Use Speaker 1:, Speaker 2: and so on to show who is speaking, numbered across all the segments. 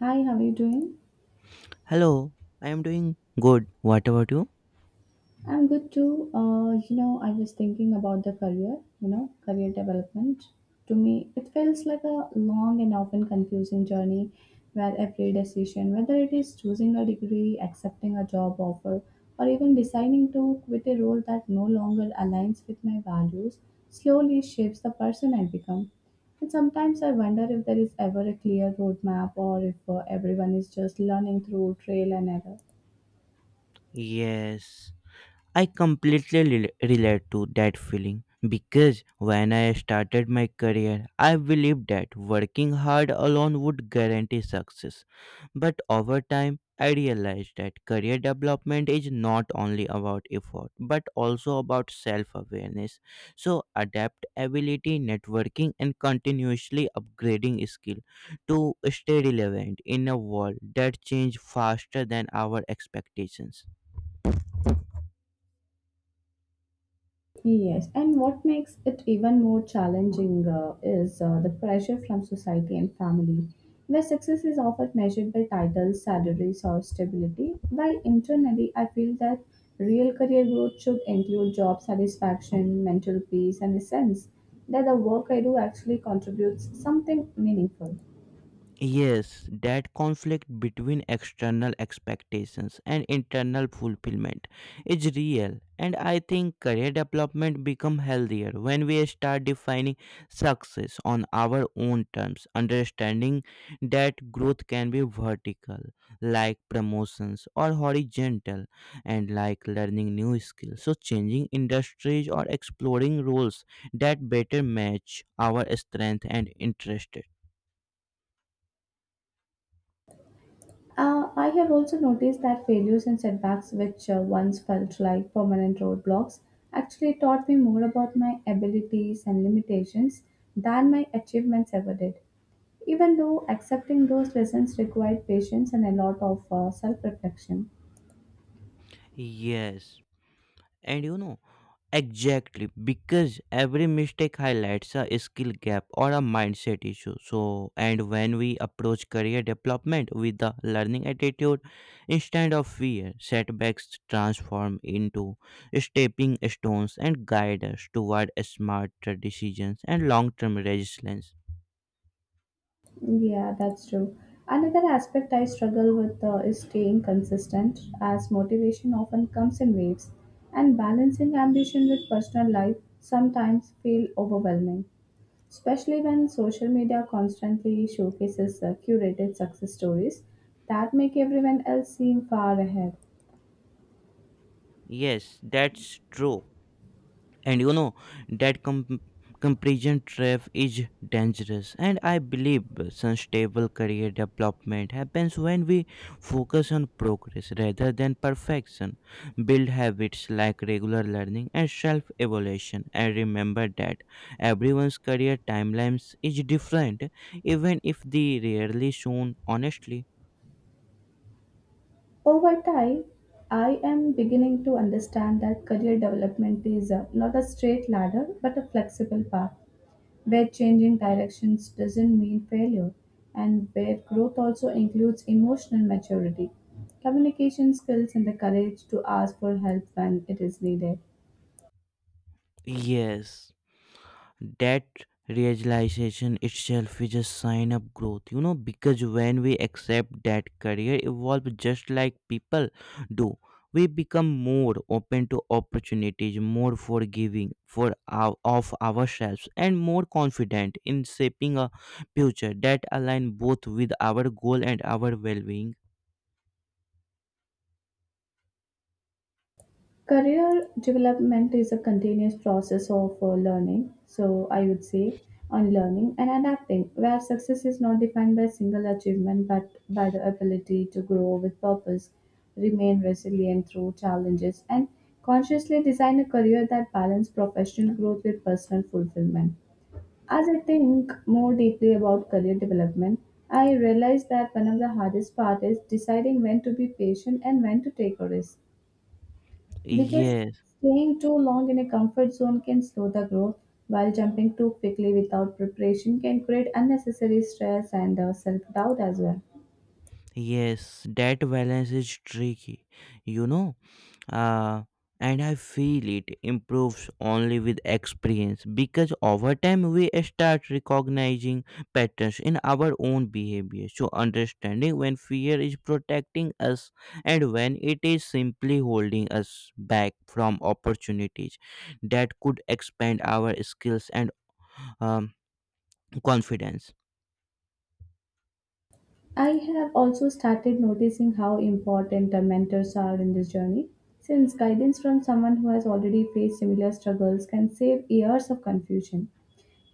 Speaker 1: Hi, how are you doing?
Speaker 2: Hello, I am doing good. What about you?
Speaker 1: I'm good too. I was thinking about the career, career development. To me, it feels like a long and often confusing journey where every decision, whether it is choosing a degree, accepting a job offer, or even deciding to quit a role that no longer aligns with my values, slowly shapes the person I become. And sometimes I wonder if there is ever a clear roadmap or if everyone is just learning through trail and error.
Speaker 2: Yes, I completely relate to that feeling because when I started my career, I believed that working hard alone would guarantee success. But over time, I realized that career development is not only about effort but also about self awareness. So, adaptability, networking, and continuously upgrading skill to stay relevant in a world that changes faster than our expectations.
Speaker 1: Yes, and what makes it even more challenging is the pressure from society and family, where success is often measured by titles, salaries, or stability. While internally, I feel that real career growth should include job satisfaction, mental peace, and a sense that the work I do actually contributes something meaningful.
Speaker 2: Yes, that conflict between external expectations and internal fulfillment is real and I think career development become healthier when we start defining success on our own terms, understanding that growth can be vertical like promotions or horizontal and like learning new skills. So changing industries or exploring roles that better match our strength and interest.
Speaker 1: I have also noticed that failures and setbacks, which once felt like permanent roadblocks, actually taught me more about my abilities and limitations than my achievements ever did. Even though accepting those lessons required patience and a lot of self reflection.
Speaker 2: Yes. And you know, exactly, because every mistake highlights a skill gap or a mindset issue. So, and when we approach career development with the learning attitude instead of fear, setbacks transform into stepping stones and guide us toward smarter decisions and long term resilience.
Speaker 1: Yeah, that's true. Another aspect I struggle with is staying consistent, as motivation often comes in waves, and balancing ambition with personal life sometimes feel overwhelming. Especially when social media constantly showcases the curated success stories that make everyone else seem far ahead.
Speaker 2: Yes, that's true. And that comparison trap is dangerous and I believe sustainable career development happens when we focus on progress rather than perfection, build habits like regular learning and self evaluation, and remember that everyone's career timelines is different, even if they rarely shown honestly.
Speaker 1: Over time, I am beginning to understand that career development is not a straight ladder but a flexible path where changing directions doesn't mean failure and where growth also includes emotional maturity, communication skills, and the courage to ask for help when it is needed.
Speaker 2: Yes, that realization itself is a sign of growth, you know because when we accept that career evolve just like people do, we become more open to opportunities, more forgiving of ourselves, and more confident in shaping a future that align both with our goal and our well-being.
Speaker 1: Career development is a continuous process of learning, so I would say unlearning and adapting, where success is not defined by single achievement but by the ability to grow with purpose, remain resilient through challenges, and consciously design a career that balances professional growth with personal fulfillment. As I think more deeply about career development, I realize that one of the hardest parts is deciding when to be patient and when to take a risk because
Speaker 2: Yes,
Speaker 1: staying too long in a comfort zone can slow the growth, while jumping too quickly without preparation can create unnecessary stress and self doubt as well.
Speaker 2: yes, that balance is tricky. you know uh, and I feel it improves only with experience, because over time we start recognizing patterns in our own behavior. So, understanding when fear is protecting us and when it is simply holding us back from opportunities that could expand our skills and um, confidence.
Speaker 1: I have also started noticing how important the mentors are in this journey, since guidance from someone who has already faced similar struggles can save years of confusion.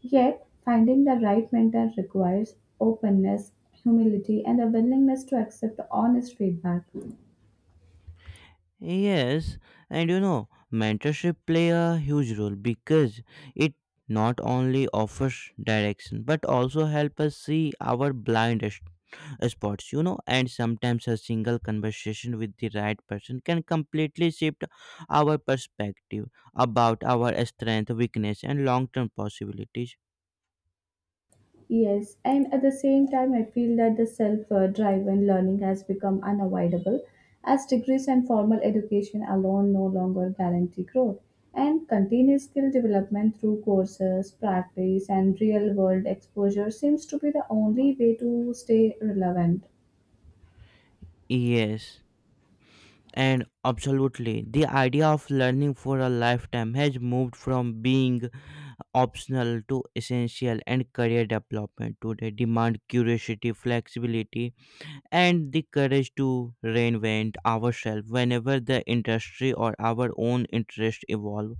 Speaker 1: Yet, finding the right mentor requires openness, humility, and a willingness to accept honest feedback.
Speaker 2: Yes, and you know, mentorship play a huge role, because it not only offers direction but also help us see our spots. You know and sometimes a single conversation with the right person can completely shift our perspective about our strength, weakness, and long term possibilities.
Speaker 1: Yes, and at the same time, I feel that the self driven learning has become unavoidable as degrees and formal education alone no longer guarantee growth. And continuous skill development through courses, practice, and real world exposure seems to be the only way to stay relevant.
Speaker 2: Yes. And absolutely, the idea of learning for a lifetime has moved from being optional to essential, and career development today demand curiosity, flexibility, and the courage to reinvent ourselves whenever the industry or our own interest evolve.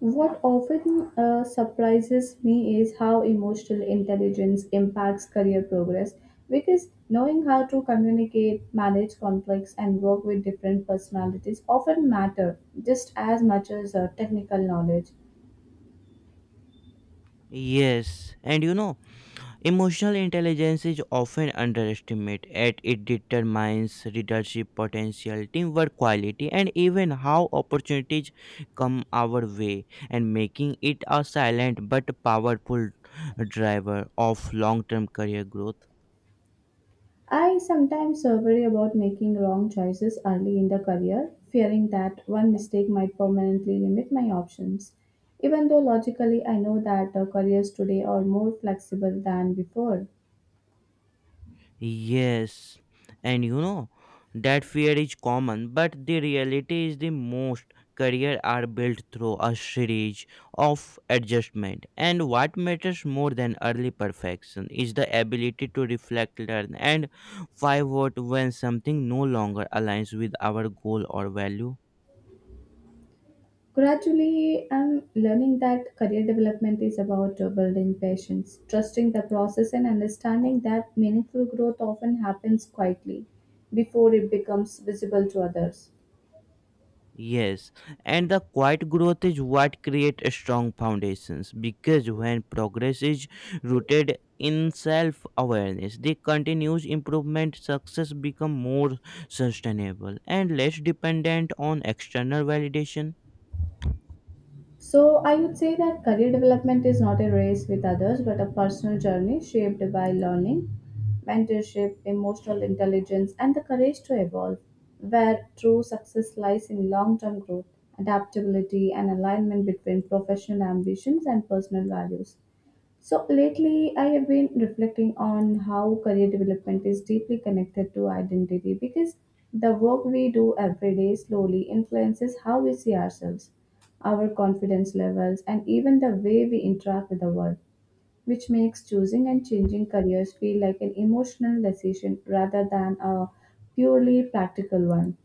Speaker 1: What often surprises me is how emotional intelligence impacts career progress because knowing how to communicate, manage conflicts, and work with different personalities often matter just as much as technical knowledge.
Speaker 2: Yes. and you know Emotional intelligence is often underestimated, as it determines leadership potential, teamwork quality, and even how opportunities come our way, and making it a silent but powerful driver of long term career growth.
Speaker 1: I sometimes worry about making wrong choices early in the career, fearing that one mistake might permanently limit my options. Even though logically I know that careers today are more flexible than before.
Speaker 2: Yes, and you know that fear is common, but the reality is the most career are built through a series of adjustment. And what matters more than early perfection is the ability to reflect, learn, and pivot when something no longer aligns with our goal or value.
Speaker 1: Gradually, I'm learning that career development is about building patience, trusting the process, and understanding that meaningful growth often happens quietly before it becomes visible to others.
Speaker 2: Yes, and the quiet growth is what creates strong foundations, because when progress is rooted in self awareness, the continuous improvement success become more sustainable and less dependent on external validation.
Speaker 1: So, I would say that career development is not a race with others, but a personal journey shaped by learning, mentorship, emotional intelligence, and the courage to evolve, where true success lies in long term growth, adaptability, and alignment between professional ambitions and personal values. So lately, I have been reflecting on how career development is deeply connected to identity because the work we do every day slowly influences how we see ourselves, our confidence levels, and even the way we interact with the world, which makes choosing and changing careers feel like an emotional decision rather than a purely practical one.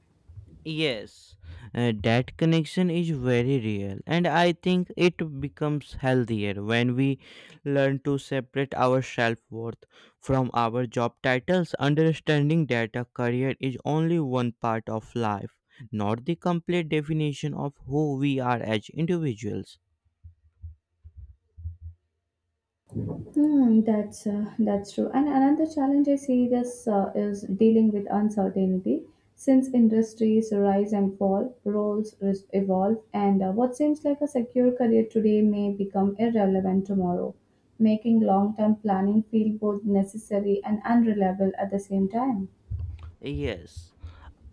Speaker 2: Yes, that connection is very real, and I think it becomes healthier when we learn to separate our self worth from our job titles, understanding that a career is only one part of life, not the complete definition of who we are as individuals.
Speaker 1: That's true. And another challenge I see this is dealing with uncertainty. Since industries rise and fall, evolve, and what seems like a secure career today may become irrelevant tomorrow, making long-term planning feel both necessary and unreliable at the same time.
Speaker 2: Yes.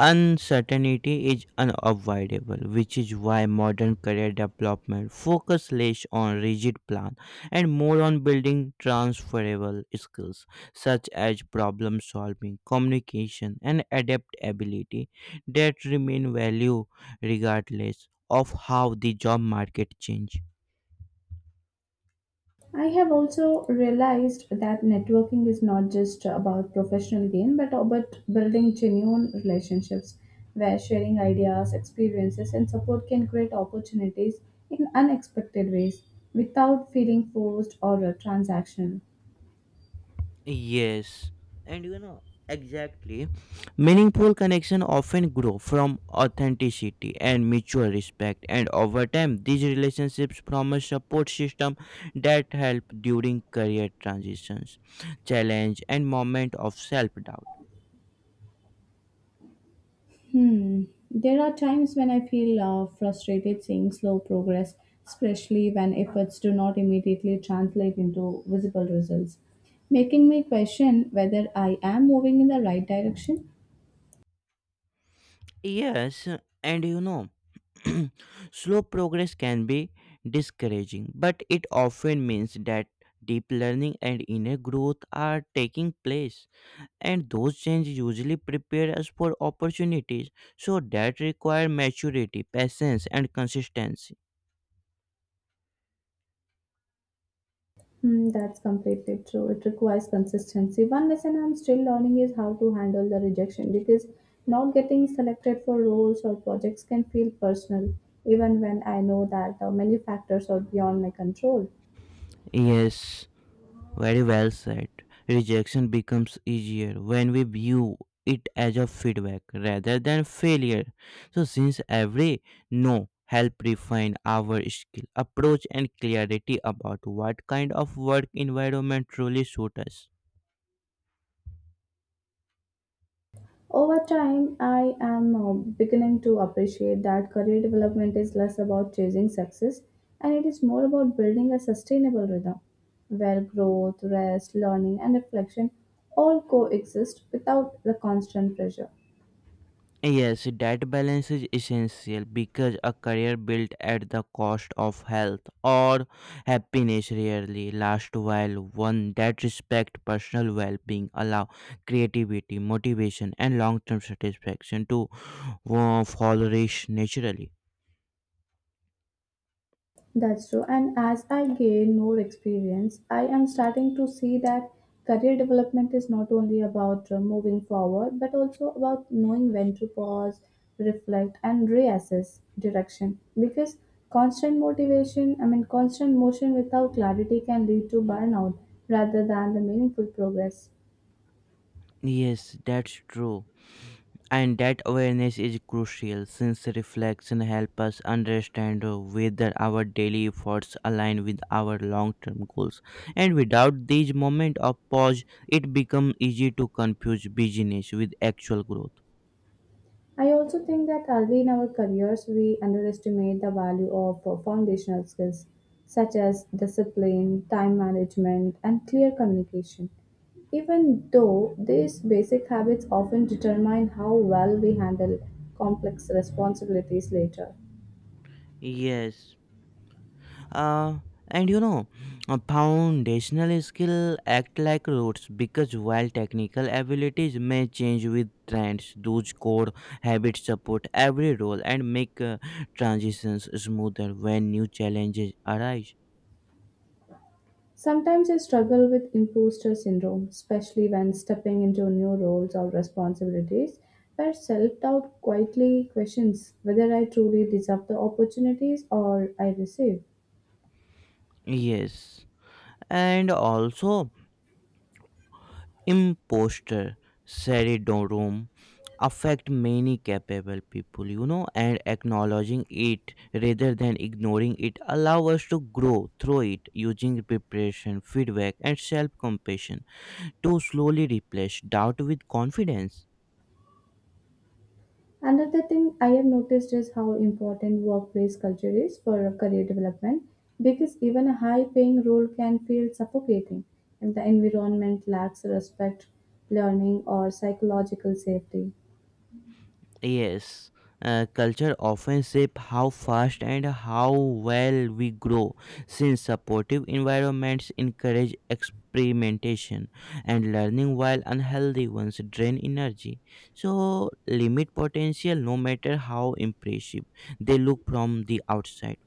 Speaker 2: Uncertainty is unavoidable, which is why modern career development focus less on rigid plan and more on building transferable skills such as problem solving, communication, and adaptability that remain value regardless of how the job market change.
Speaker 1: I have also realized that networking is not just about professional gain, but about building genuine relationships where sharing ideas, experiences, and support can create opportunities in unexpected ways without feeling forced or transactional.
Speaker 2: Yes, and you know exactly. Meaningful connection often grow from authenticity and mutual respect, and over time, these relationships promise support system that help during career transitions, challenge, and moment of self doubt.
Speaker 1: Hmm. There are times when I feel frustrated seeing slow progress, especially when efforts do not immediately translate into visible results, making me question whether I am moving in the right direction.
Speaker 2: Yes. and you know, Slow progress can be discouraging, but it often means that deep learning and inner growth are taking place, and those changes usually prepare us for opportunities so that require maturity, patience, and consistency.
Speaker 1: Hmm, that's completely true. It requires consistency. One lesson I'm still learning is how to handle the rejection because not getting selected for roles or projects can feel personal, even when I know that many factors are beyond my control.
Speaker 2: Yes, very well said. Rejection becomes easier when we view it as a feedback rather than failure, so since every no help refine our skill, approach, and clarity about what kind of work environment truly suits us.
Speaker 1: Over time, I am beginning to appreciate that career development is less about chasing success and it is more about building a sustainable rhythm where growth, rest, learning, and reflection all coexist without the constant pressure.
Speaker 2: Yes, that balance is essential because a career built at the cost of health or happiness rarely lasts, while one that respects personal well-being allow creativity, motivation, and long-term satisfaction to flourish naturally.
Speaker 1: That's true. And as I gain more experience, I am starting to see that career development is not only about moving forward, but also about knowing when to pause, reflect, and reassess direction. Because constant motivation, I mean, constant motion without clarity can lead to burnout rather than the meaningful progress.
Speaker 2: Yes, that's true. And that awareness is crucial since reflection helps us understand whether our daily efforts align with our long term goals. And without these moments of pause, it becomes easy to confuse busyness with actual growth.
Speaker 1: I also think that early in our careers, we underestimate the value of foundational skills such as discipline, time management, and clear communication. Even though these basic habits often determine how well we handle complex responsibilities later.
Speaker 2: Yes. Uh, and you know, a foundational skill act like roots, because while technical abilities may change with trends, those core habits support every role and make transitions smoother when new challenges arise.
Speaker 1: Sometimes I struggle with imposter syndrome, especially when stepping into new roles or responsibilities, where self doubt quietly questions whether I truly deserve the opportunities or I receive.
Speaker 2: Yes, and also imposter syndrome affect many capable people, you know and acknowledging it rather than ignoring it allow us to grow through it, using preparation, feedback, and self compassion to slowly replace doubt with confidence.
Speaker 1: Another thing I have noticed is how important workplace culture is for career development because even a high paying role can feel suffocating if the environment lacks respect, learning, or psychological safety.
Speaker 2: Yes, culture often shape how fast and how well we grow, since supportive environments encourage experimentation and learning, while unhealthy ones drain energy, so limit potential no matter how impressive they look from the outside.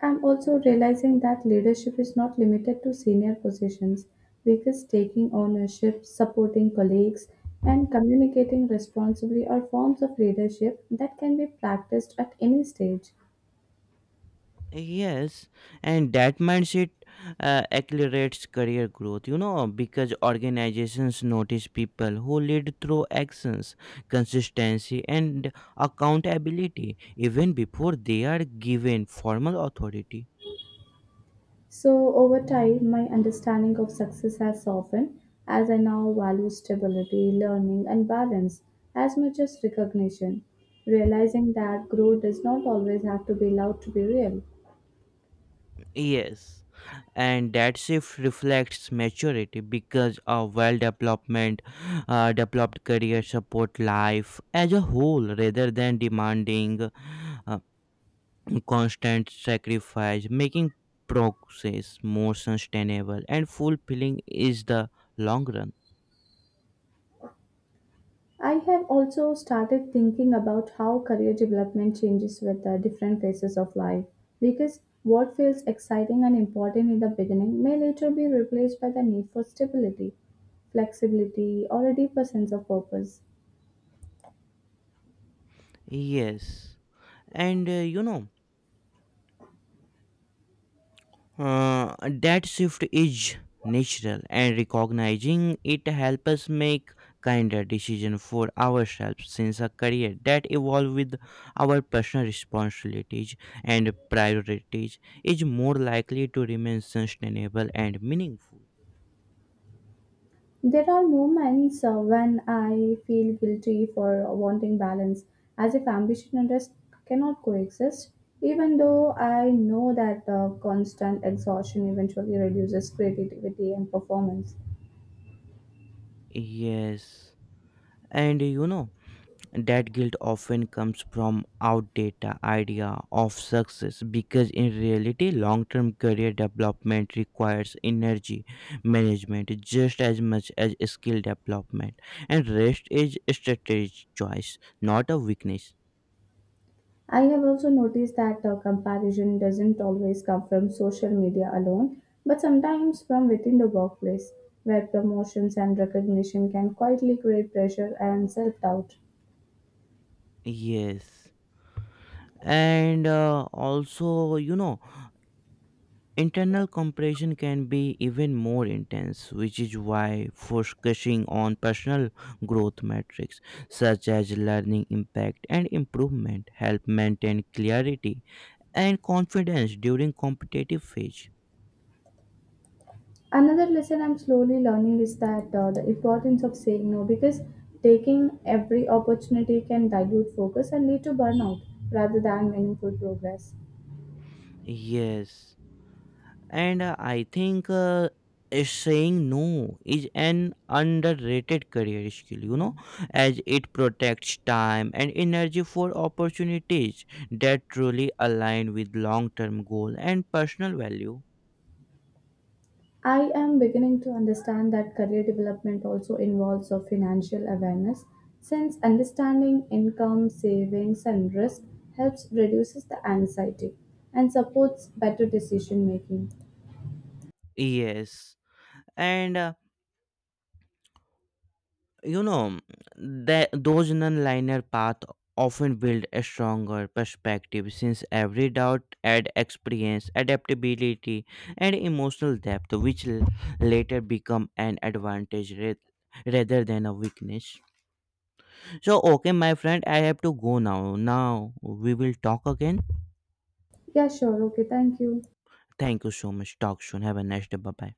Speaker 1: I'm also realizing that leadership is not limited to senior positions because taking ownership, supporting colleagues, and communicating responsibly are forms of leadership that can be practiced at any stage.
Speaker 2: Yes, and that mindset accelerates career growth, you know, because organizations notice people who lead through actions, consistency, and accountability even before they are given formal authority.
Speaker 1: So, over time, my understanding of success has softened as I now value stability, learning, and balance as much as recognition, realizing that growth does not always have to be loud to be real.
Speaker 2: Yes, and that shift reflects maturity because a developed career support life as a whole rather than demanding uh, constant sacrifice, making progress more sustainable and fulfilling is the long run.
Speaker 1: I have also started thinking about how career development changes with the different phases of life because what feels exciting and important in the beginning may later be replaced by the need for stability, flexibility, or a deeper sense of purpose.
Speaker 2: Yes, and uh, you know, that shift is natural, and recognizing it helps us make kinder decision for ourselves, since a career that evolve with our personal responsibilities and priorities is more likely to remain sustainable and meaningful.
Speaker 1: There are moments when I feel guilty for wanting balance, as if ambition and rest cannot coexist, even though I know that constant exhaustion eventually reduces creativity and performance.
Speaker 2: Yes. and you know That guilt often comes from outdated idea of success, because in reality long-term career development requires energy management just as much as skill development, and rest is a strategic choice, not a weakness.
Speaker 1: I have also noticed that comparison doesn't always come from social media alone, but sometimes from within the workplace, where promotions and recognition can quietly create pressure and self doubt.
Speaker 2: Yes, and also, internal comparison can be even more intense, which is why focusing on personal growth metrics such as learning, impact, and improvement help maintain clarity and confidence during competitive phase.
Speaker 1: Another lesson I'm slowly learning is that the importance of saying no because taking every opportunity can dilute focus and lead to burnout rather than meaningful progress.
Speaker 2: Yes. And I think Saying no is an underrated career skill, you know, as it protects time and energy for opportunities that truly align with long term goal and personal value.
Speaker 1: I am beginning to understand that career development also involves a financial awareness since understanding income, savings and risk helps reduces the anxiety and supports better decision making.
Speaker 2: Yes. And uh, You know, that those non-linear paths often build a stronger perspective, since every doubt adds experience, adaptability, and emotional depth, which later become an rather than a weakness. So, okay, my friend, I have to go now. Now we will talk again.
Speaker 1: Yeah, sure. Okay, thank you.
Speaker 2: Thank you so much. Talk soon. Have a nice day. Bye bye.